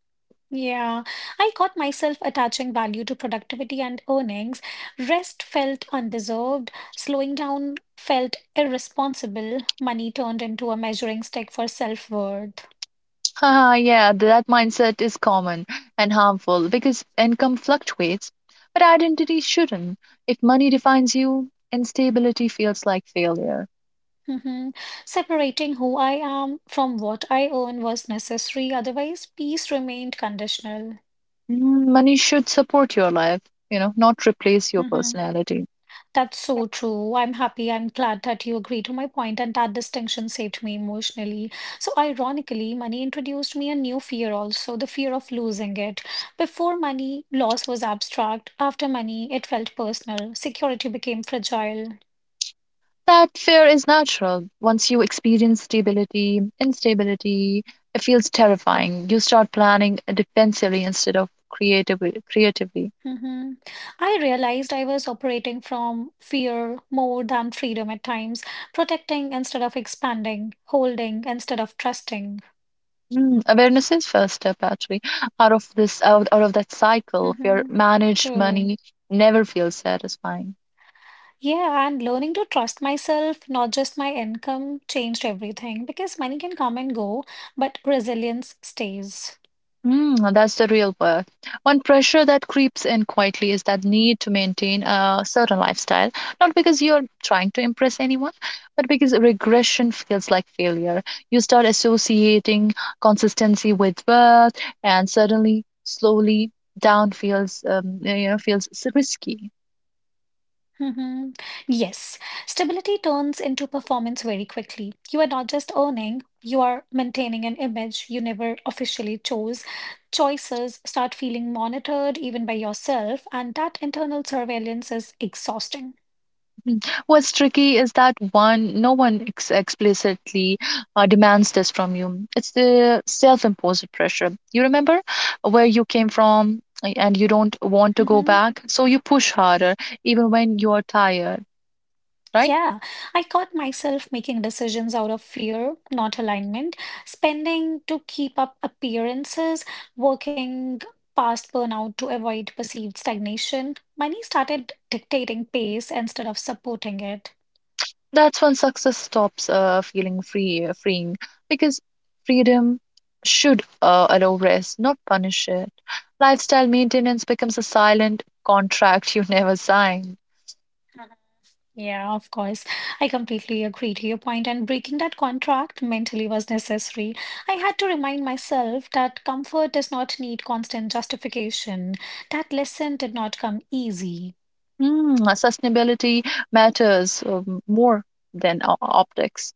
Speaker 1: Yeah, I caught myself attaching value to productivity and earnings. Rest felt undeserved, slowing down felt irresponsible, money turned into a measuring stick for self-worth.
Speaker 2: yeah, that mindset is common and harmful because income fluctuates, but identity shouldn't. If money defines you, instability feels like failure.
Speaker 1: Hmm. Separating who I am from what I earn was necessary, otherwise, peace remained conditional.
Speaker 2: Mm, money should support your life, you know, not replace your
Speaker 1: Hmm.
Speaker 2: personality.
Speaker 1: That's so true. I'm happy. I'm glad that you agree to my point, and that distinction saved me emotionally. So, ironically, money introduced me a new fear also, the fear of losing it. Before money, loss was abstract. After money, it felt personal. Security became fragile.
Speaker 2: That fear is natural. Once you experience stability, instability, it feels terrifying. You start planning defensively instead of creatively.
Speaker 1: Hmm. I realized I was operating from fear more than freedom at times, protecting instead of expanding, holding instead of trusting.
Speaker 2: Mm, awareness is first step actually. Out of that cycle, fear
Speaker 1: Hmm.
Speaker 2: managed
Speaker 1: True.
Speaker 2: money never feels satisfying.
Speaker 1: Yeah, and learning to trust myself, not just my income, changed everything because money can come and go, but resilience stays.
Speaker 2: Mm, that's the real work. One pressure that creeps in quietly is that need to maintain a certain lifestyle, not because you're trying to impress anyone, but because regression feels like failure. You start associating consistency with worth, and suddenly, slowly, down feels risky.
Speaker 1: Hmm. Yes, stability turns into performance very quickly. You are not just earning, you are maintaining an image you never officially chose. Choices start feeling monitored even by yourself, and that internal surveillance is exhausting.
Speaker 2: Mm. What's tricky is that one, no one explicitly demands this from you. It's the self-imposed pressure. You remember where you came from, and you don't want to go
Speaker 1: Mm-hmm.
Speaker 2: back, so you push harder, even when you're tired, right?
Speaker 1: Yeah, I caught myself making decisions out of fear, not alignment, spending to keep up appearances, working past burnout to avoid perceived stagnation. Money started dictating pace instead of supporting it.
Speaker 2: That's when success stops feeling freeing, because freedom should allow rest, not punish it. Lifestyle maintenance becomes a silent contract you never sign.
Speaker 1: Mhm. Yeah, of course. I completely agree to your point, and breaking that contract mentally was necessary. I had to remind myself that comfort does not need constant justification. That lesson did not come easy.
Speaker 2: Sustainability matters more than optics.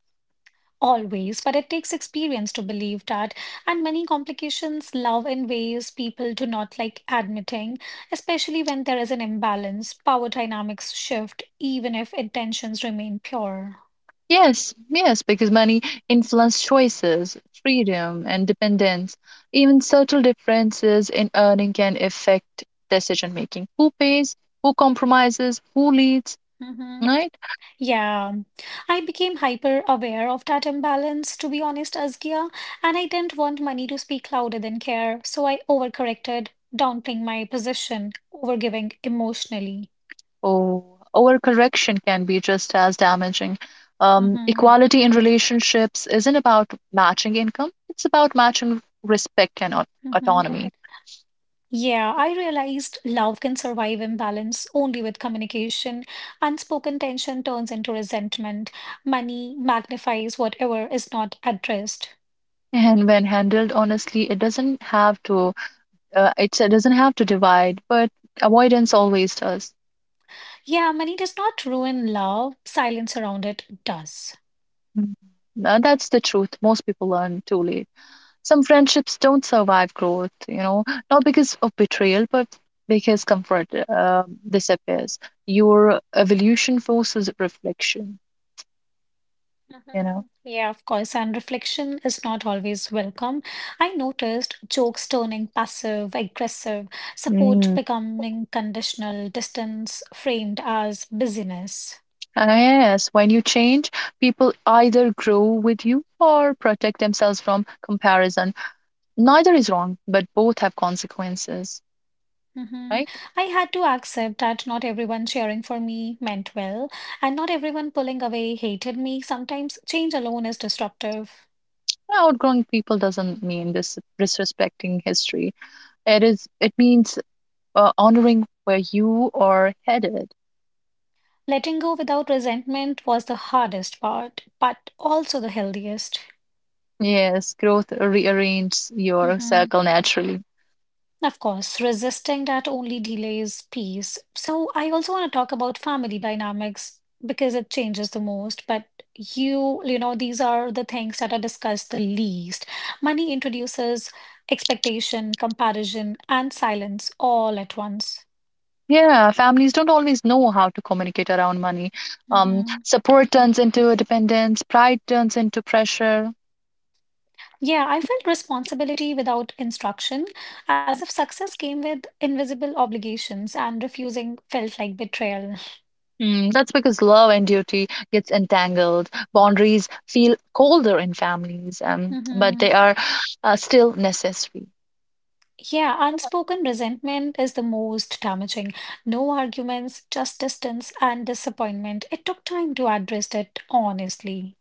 Speaker 1: Always, but it takes experience to believe that, and many complications love in ways people do not like admitting, especially when there is an imbalance, power dynamics shift, even if intentions remain pure.
Speaker 2: Yes, because money influences choices, freedom, and dependence. Even subtle differences in earning can affect decision making. Who pays, who compromises, who leads,
Speaker 1: Hmm.
Speaker 2: right?
Speaker 1: Yeah, I became hyper aware of that imbalance, to be honest, Azgia, and I didn't want money to speak louder than care, so I overcorrected, downplaying my position, overgiving emotionally.
Speaker 2: Oh, overcorrection can be just as damaging. Um,
Speaker 1: Mm-hmm.
Speaker 2: equality in relationships isn't about matching income, it's about matching respect and
Speaker 1: Mm-hmm.
Speaker 2: autonomy.
Speaker 1: Yeah, I realized love can survive imbalance only with communication. Unspoken tension turns into resentment. Money magnifies whatever is not addressed.
Speaker 2: And when handled honestly, it doesn't have to. It doesn't have to divide, but avoidance always does.
Speaker 1: Yeah, money does not ruin love, silence around it does.
Speaker 2: Mm. That's the truth. Most people learn too late. Some friendships don't survive growth. You know, not because of betrayal, but because comfort disappears. Your evolution forces reflection. You know.
Speaker 1: Mhm. Yeah, of course, and reflection is not always welcome. I noticed jokes turning passive, aggressive, support
Speaker 2: Mm.
Speaker 1: becoming conditional, distance framed as busyness.
Speaker 2: And yes, when you change, people either grow with you or protect themselves from comparison. Neither is wrong, but both have consequences,
Speaker 1: Hmm.
Speaker 2: right?
Speaker 1: I had to accept that not everyone cheering for me meant well, and not everyone pulling away hated me. Sometimes change alone is disruptive.
Speaker 2: Yeah, outgrowing people doesn't mean this disrespecting history. It is. It means honoring where you are headed.
Speaker 1: Letting go without resentment was the hardest part, but also the healthiest.
Speaker 2: Yes, growth rearranges your
Speaker 1: Mhm.
Speaker 2: circle naturally.
Speaker 1: Of course, resisting that only delays peace. So I also want to talk about family dynamics because it changes the most, but these are the things that are discussed the least. Money introduces expectation, comparison, and silence all at once.
Speaker 2: Yeah, families don't always know how to communicate around money. Um,
Speaker 1: Hmm.
Speaker 2: support turns into dependence, pride turns into pressure.
Speaker 1: Yeah, I felt responsibility without instruction, as if success came with invisible obligations, and refusing felt like betrayal.
Speaker 2: Mm, that's because love and duty gets entangled. Boundaries feel colder in families, but they
Speaker 1: Hmm.
Speaker 2: are still necessary.
Speaker 1: Yeah, unspoken resentment is the most damaging. No arguments, just distance and disappointment. It took time to address it honestly.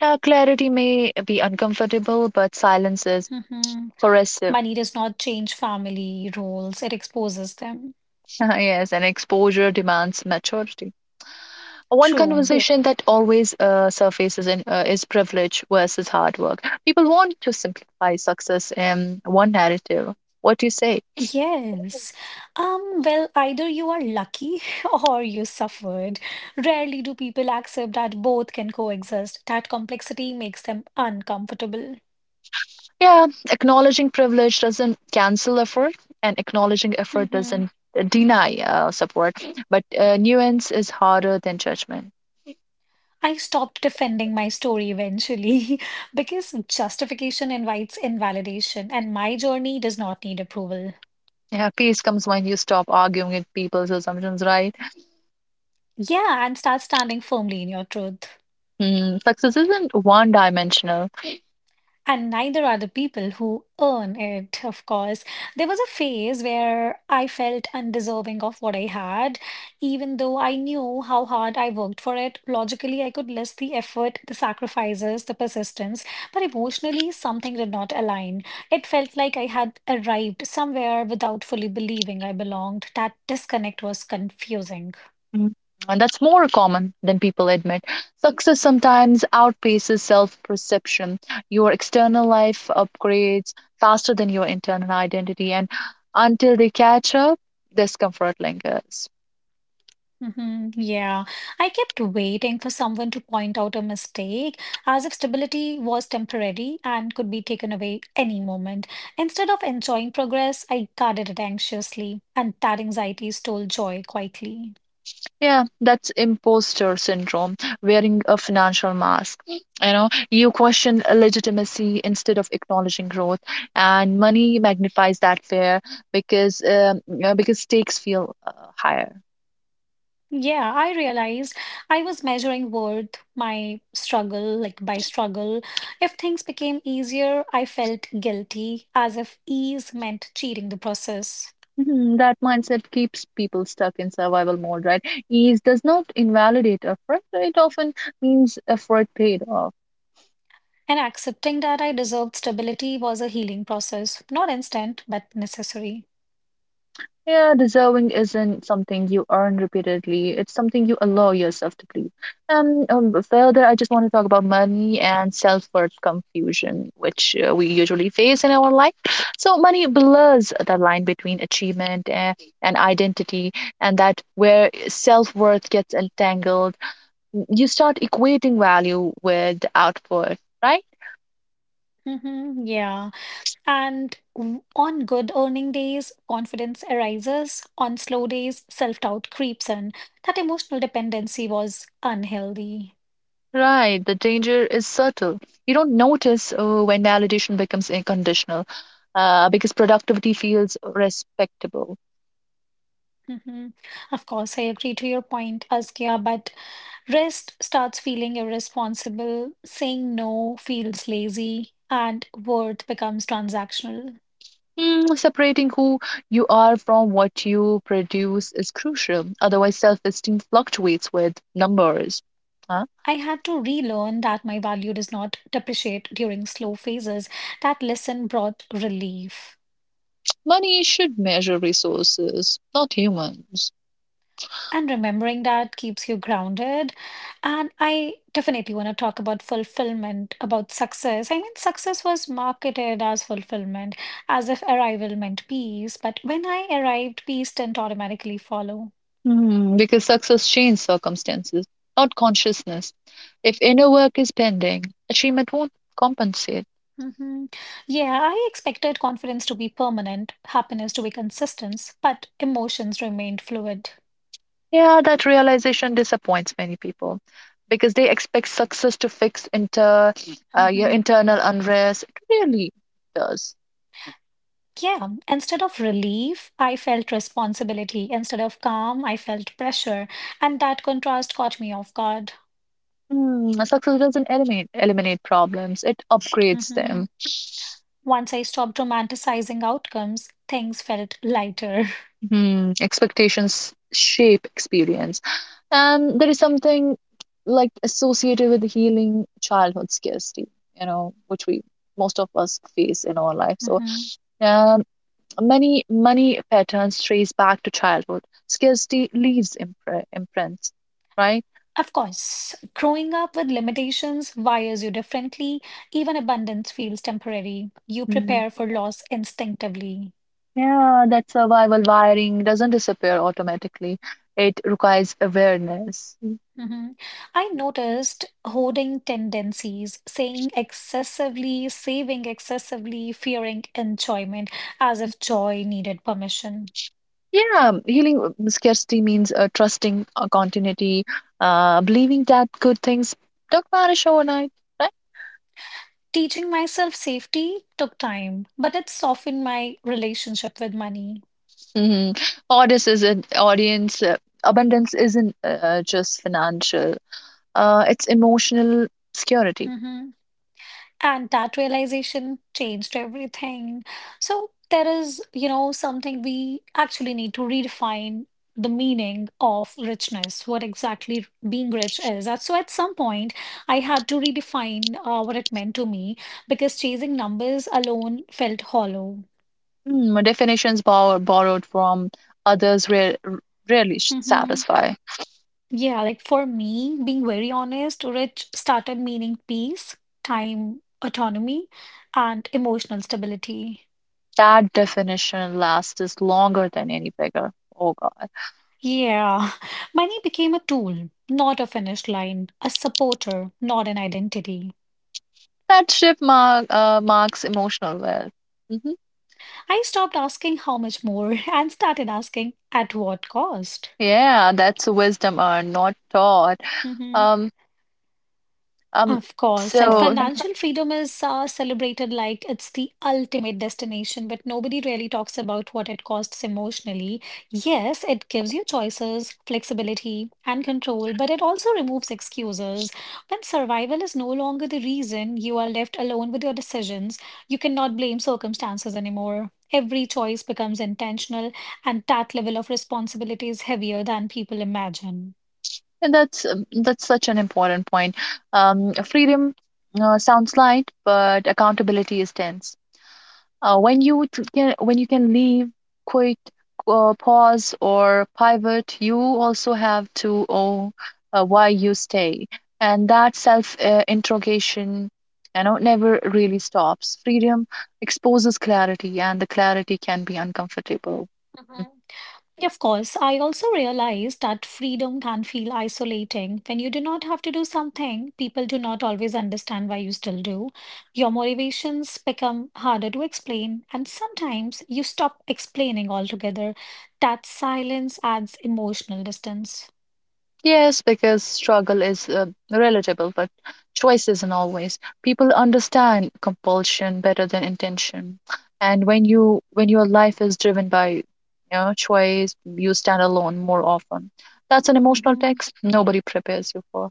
Speaker 2: Clarity may be uncomfortable, but silence is
Speaker 1: Hmm.
Speaker 2: corrosive.
Speaker 1: Money does not change family roles, it exposes them.
Speaker 2: yes, and exposure demands maturity. One Yeah.
Speaker 1: True.
Speaker 2: conversation that always is privilege versus hard work. People want to simplify success in one narrative. What do you say?
Speaker 1: Yes. Well, either you are lucky or you suffered. Rarely do people accept that both can coexist. That complexity makes them uncomfortable.
Speaker 2: Yeah, acknowledging privilege doesn't cancel effort, and acknowledging effort
Speaker 1: Hmm.
Speaker 2: doesn't deny support. But nuance is harder than judgment.
Speaker 1: I stopped defending my story eventually, because justification invites invalidation, and my journey does not need approval.
Speaker 2: Yeah, peace comes when you stop arguing with people's assumptions, right?
Speaker 1: Yeah, and start standing firmly in your truth.
Speaker 2: Mm, success isn't one dimensional.
Speaker 1: And neither are the people who earn it, of course. There was a phase where I felt undeserving of what I had, even though I knew how hard I worked for it. Logically, I could list the effort, the sacrifices, the persistence, but emotionally, something did not align. It felt like I had arrived somewhere without fully believing I belonged. That disconnect was confusing.
Speaker 2: Mm, and that's more common than people admit. Success sometimes outpaces self perception. Your external life upgrades faster than your internal identity. And until they catch up, discomfort lingers.
Speaker 1: Yeah, I kept waiting for someone to point out a mistake, as if stability was temporary and could be taken away any moment. Instead of enjoying progress, I guarded it anxiously, and that anxiety stole joy quietly.
Speaker 2: Yeah, that's imposter syndrome, wearing a financial mask. You know, you question legitimacy instead of acknowledging growth, and money magnifies that fear because stakes feel higher.
Speaker 1: Yeah, I realized I was measuring worth, my struggle, like by struggle. If things became easier, I felt guilty, as if ease meant cheating the process.
Speaker 2: Mhm, that mindset keeps people stuck in survival mode, right? Ease does not invalidate effort; it often means effort paid off.
Speaker 1: And accepting that I deserved stability was a healing process, not instant, but necessary.
Speaker 2: Yeah, deserving isn't something you earn repeatedly. It's something you allow yourself to believe. And further, I just want to talk about money and self-worth confusion, which we usually face in our life. So money blurs the line between achievement and identity, and that where self-worth gets entangled, you start equating value with output, right?
Speaker 1: Yeah. And on good earning days, confidence arises. On slow days, self doubt creeps in. That emotional dependency was unhealthy.
Speaker 2: Right, the danger is subtle. You don't notice when validation becomes unconditional because productivity feels respectable.
Speaker 1: hmm Of course, I agree to your point, Askia, but rest starts feeling irresponsible, saying no feels lazy, and worth becomes transactional.
Speaker 2: Mm, separating who you are from what you produce is crucial. Otherwise, self esteem fluctuates with numbers. Huh?
Speaker 1: I had to relearn that my value does not depreciate during slow phases. That lesson brought relief.
Speaker 2: Money should measure resources, not humans.
Speaker 1: And remembering that keeps you grounded. And I definitely want to talk about fulfillment, about success. I mean, success was marketed as fulfillment, as if arrival meant peace. But when I arrived, peace didn't automatically follow.
Speaker 2: Mm, because success changes circumstances, not consciousness. If inner work is pending, achievement won't compensate.
Speaker 1: hmm Yeah, I expected confidence to be permanent, happiness to be consistent, but emotions remained fluid.
Speaker 2: Yeah, that realization disappoints many people because they expect success to fix your
Speaker 1: Mhm.
Speaker 2: internal unrest. It really does.
Speaker 1: Yeah, instead of relief, I felt responsibility. Instead of calm, I felt pressure. And that contrast caught me off guard.
Speaker 2: Mm, success doesn't eliminate problems; it upgrades
Speaker 1: hmm
Speaker 2: them.
Speaker 1: Once I stopped romanticizing outcomes, things felt lighter.
Speaker 2: Hmm, expectations shape experience. And there is something like associated with healing childhood scarcity, you know, which we most of us face in our life. So
Speaker 1: hmm
Speaker 2: um, many many patterns trace back to childhood. Scarcity leaves imprints, right?
Speaker 1: Of course, growing up with limitations wires you differently. Even abundance feels temporary. You
Speaker 2: Mm,
Speaker 1: prepare for loss instinctively.
Speaker 2: yeah, that survival wiring doesn't disappear automatically. It requires awareness.
Speaker 1: Mhm. I noticed hoarding tendencies, saying excessively, saving excessively, fearing enjoyment as if joy needed permission.
Speaker 2: Yeah, healing scarcity means trusting continuity, believing that good things don't vanish overnight, right?
Speaker 1: Teaching myself safety took time, but it softened my relationship with money.
Speaker 2: hmm Audience is an audience. Abundance isn't just financial. It's emotional security.
Speaker 1: Mm-hmm. And that realization changed everything. So there is, something we actually need to redefine, the meaning of richness, what exactly being rich is. And so at some point I had to redefine what it meant to me, because chasing numbers alone felt hollow.
Speaker 2: Mm, definitions borrowed from others rarely
Speaker 1: hmm
Speaker 2: satisfy.
Speaker 1: yeah, like for me, being very honest, rich started meaning peace, time autonomy, and emotional stability.
Speaker 2: That definition lasts us longer than any beggar. Oh God,
Speaker 1: Yeah, money became a tool, not a finish line, a supporter, not an identity.
Speaker 2: that shift marks emotional wealth. Mm-hmm.
Speaker 1: I stopped asking how much more and started asking at what cost.
Speaker 2: Yeah, that's wisdom not taught.
Speaker 1: Mm-hmm.
Speaker 2: Um, um,
Speaker 1: Of course, and
Speaker 2: so
Speaker 1: financial freedom is celebrated like it's the ultimate destination, but nobody really talks about what it costs emotionally. Yes, it gives you choices, flexibility, and control, but it also removes excuses. When survival is no longer the reason, you are left alone with your decisions. You cannot blame circumstances anymore. Every choice becomes intentional, and that level of responsibility is heavier than people imagine.
Speaker 2: and that's such an important point. Freedom sounds light, but accountability is tense. When you can leave, quit, pause, or pivot, you also have to own why you stay, and that self interrogation, you know, never really stops. Freedom exposes clarity, and the clarity can be uncomfortable. Mm.
Speaker 1: Mhm. Yeah, of course, I also realized that freedom can feel isolating. When you do not have to do something, people do not always understand why you still do. Your motivations become harder to explain, and sometimes you stop explaining altogether. That silence adds emotional distance.
Speaker 2: Yes, because struggle is relatable, but choice isn't always. People understand compulsion better than intention. And when your life is driven by you know choice, you stand alone more often. That's an emotional
Speaker 1: Mhm.
Speaker 2: text nobody prepares you for.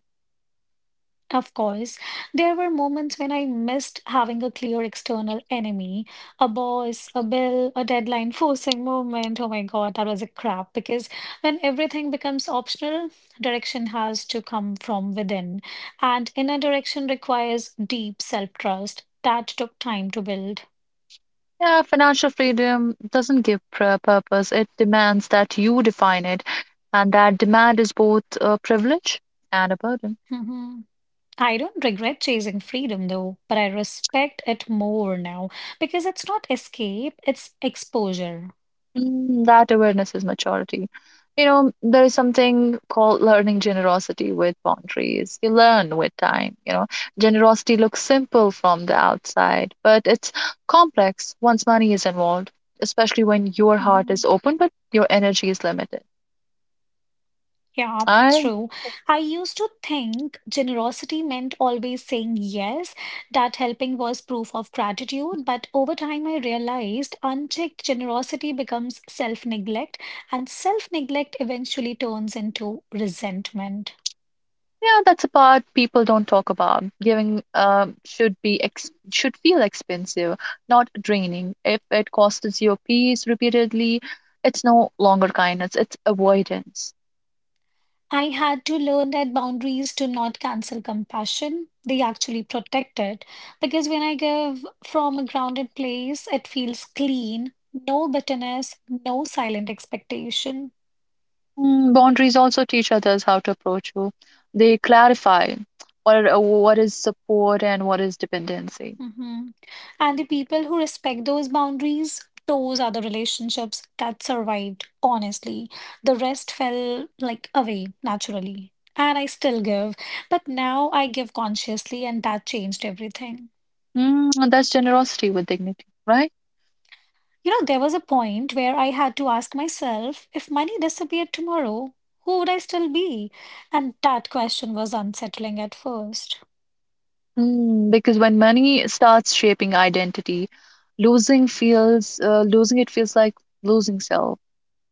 Speaker 1: Of course, there were moments when I missed having a clear external enemy, a boss, a bill, a deadline forcing movement. Oh my God, that was a crap. Because when everything becomes optional, direction has to come from within. And inner direction requires deep self-trust. That took time to build.
Speaker 2: Yeah, financial freedom doesn't give purpose. It demands that you define it, and that demand is both a privilege and a burden.
Speaker 1: Mhm. I don't regret chasing freedom though, but I respect it more now because it's not escape, it's exposure.
Speaker 2: Mm, that awareness is maturity. You know, there is something called learning generosity with boundaries. You learn with time. You know, generosity looks simple from the outside, but it's complex once money is involved, especially when your heart is
Speaker 1: Mhm.
Speaker 2: open but your energy is limited.
Speaker 1: Yeah, that's
Speaker 2: I
Speaker 1: true. I used to think generosity meant always saying yes, that helping was proof of gratitude. But over time, I realized unchecked generosity becomes self-neglect, and self-neglect eventually turns into resentment.
Speaker 2: yeah, that's a part people don't talk about. Giving should feel expensive, not draining. If it costs you peace repeatedly, it's no longer kindness; it's avoidance.
Speaker 1: I had to learn that boundaries do not cancel compassion, they actually protect it. Because when I give from a grounded place, it feels clean, no bitterness, no silent expectation.
Speaker 2: Mm, boundaries also teach others how to approach you. They clarify what uh, what is support and what is dependency.
Speaker 1: hmm And the people who respect those boundaries, those are the relationships that survived, honestly. The rest fell like away naturally. And I still give, but now I give consciously, and that changed everything.
Speaker 2: Mm, and that's generosity with dignity, right?
Speaker 1: You know, there was a point where I had to ask myself, if money disappeared tomorrow, who would I still be? And that question was unsettling at first.
Speaker 2: Mm, because when money starts shaping identity, losing it feels like losing self.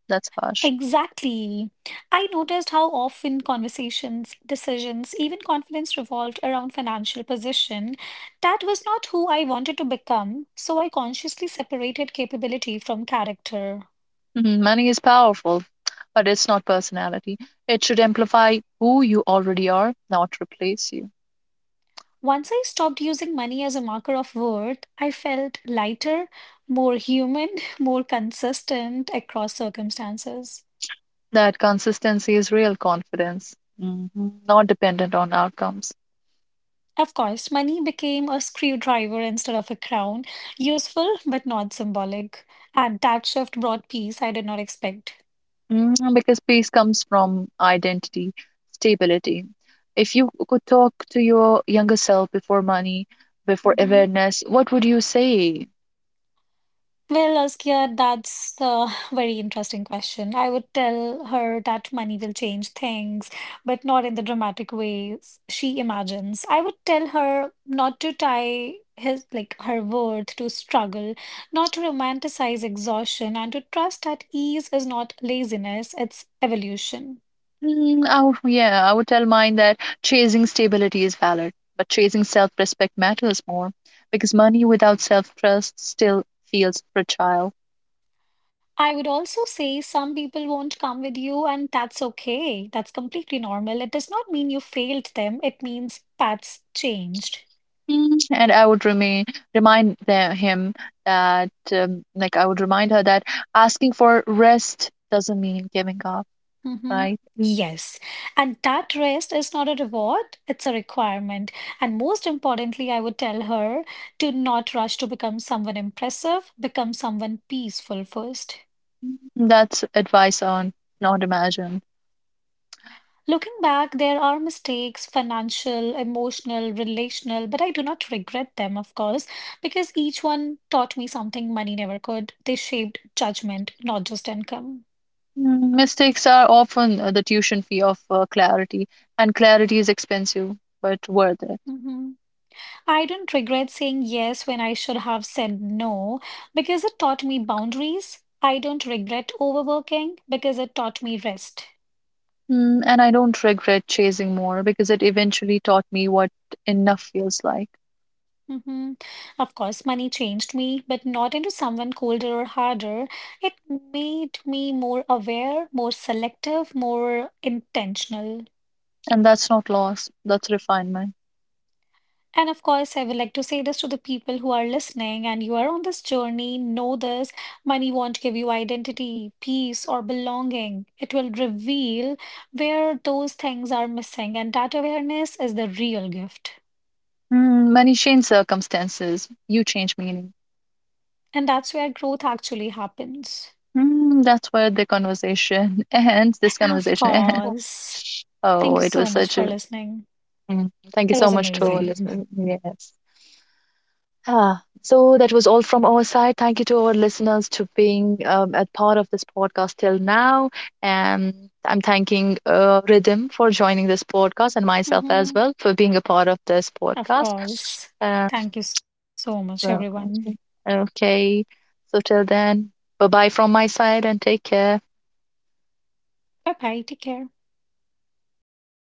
Speaker 2: That's harsh.
Speaker 1: Exactly. I noticed how often conversations, decisions, even confidence revolved around financial position. That was not who I wanted to become, so I consciously separated capability from character.
Speaker 2: Mhm, money is powerful, but it's not personality. It should amplify who you already are, not replace you.
Speaker 1: Once I stopped using money as a marker of worth, I felt lighter, more human, more consistent across circumstances.
Speaker 2: That consistency is real confidence, mhm, not dependent on outcomes.
Speaker 1: Of course, money became a screwdriver instead of a crown, useful but not symbolic. And that shift brought peace I did not expect.
Speaker 2: Mm, because peace comes from identity, stability. If you could talk to your younger self before money, before
Speaker 1: hmm
Speaker 2: awareness, what would you say?
Speaker 1: Well, Askia, that's a very interesting question. I would tell her that money will change things, but not in the dramatic ways she imagines. I would tell her not to tie his like her worth to struggle, not to romanticize exhaustion, and to trust that ease is not laziness, it's evolution.
Speaker 2: Mm, I would, yeah, I would tell mine that chasing stability is valid, but chasing self-respect matters more because money without self-trust still feels fragile.
Speaker 1: I would also say some people won't come with you, and that's okay. That's completely normal. It does not mean you failed them, it means paths changed.
Speaker 2: And I would remind the, him that, like, I would remind her that asking for rest doesn't mean giving up,
Speaker 1: hmm
Speaker 2: right?
Speaker 1: Yes. And that rest is not a reward, it's a requirement. And most importantly, I would tell her to not rush to become someone impressive, become someone peaceful first.
Speaker 2: That's advice on not imagined.
Speaker 1: Looking back, there are mistakes, financial, emotional, relational, but I do not regret them, of course, because each one taught me something money never could. They shaped judgment, not just income.
Speaker 2: Mm, mistakes are often the tuition fee of clarity, and clarity is expensive but worth it.
Speaker 1: Mhm. I don't regret saying yes when I should have said no because it taught me boundaries. I don't regret overworking because it taught me rest.
Speaker 2: Mm, and I don't regret chasing more because it eventually taught me what enough feels like.
Speaker 1: hmm Of course, money changed me, but not into someone colder or harder. It made me more aware, more selective, more intentional.
Speaker 2: And that's not loss, that's refinement.
Speaker 1: And of course, I would like to say this to the people who are listening and you are on this journey, know this: money won't give you identity, peace, or belonging. It will reveal where those things are missing, and that awareness is the real gift.
Speaker 2: Mm, money change circumstances, you change meaning.
Speaker 1: And that's where growth actually happens.
Speaker 2: Mm, that's where the conversation ends. This
Speaker 1: Of
Speaker 2: conversation ends.
Speaker 1: course. Thank
Speaker 2: Oh,
Speaker 1: you
Speaker 2: it
Speaker 1: so
Speaker 2: was
Speaker 1: much
Speaker 2: such
Speaker 1: for
Speaker 2: a.
Speaker 1: listening.
Speaker 2: Mm, thank you
Speaker 1: It
Speaker 2: so
Speaker 1: was
Speaker 2: much to all.
Speaker 1: amazing.
Speaker 2: Yes. Yeah. So that was all from our side. Thank you to our listeners to being a part of this podcast till now. And I'm thanking Ridhim for joining this podcast and
Speaker 1: hmm
Speaker 2: myself as well for being a part of this
Speaker 1: Of
Speaker 2: podcast.
Speaker 1: course.
Speaker 2: Uh,
Speaker 1: Thank you so much, everyone.
Speaker 2: well, okay. So till then, bye bye from my side and take care.
Speaker 1: Bye bye. Take care.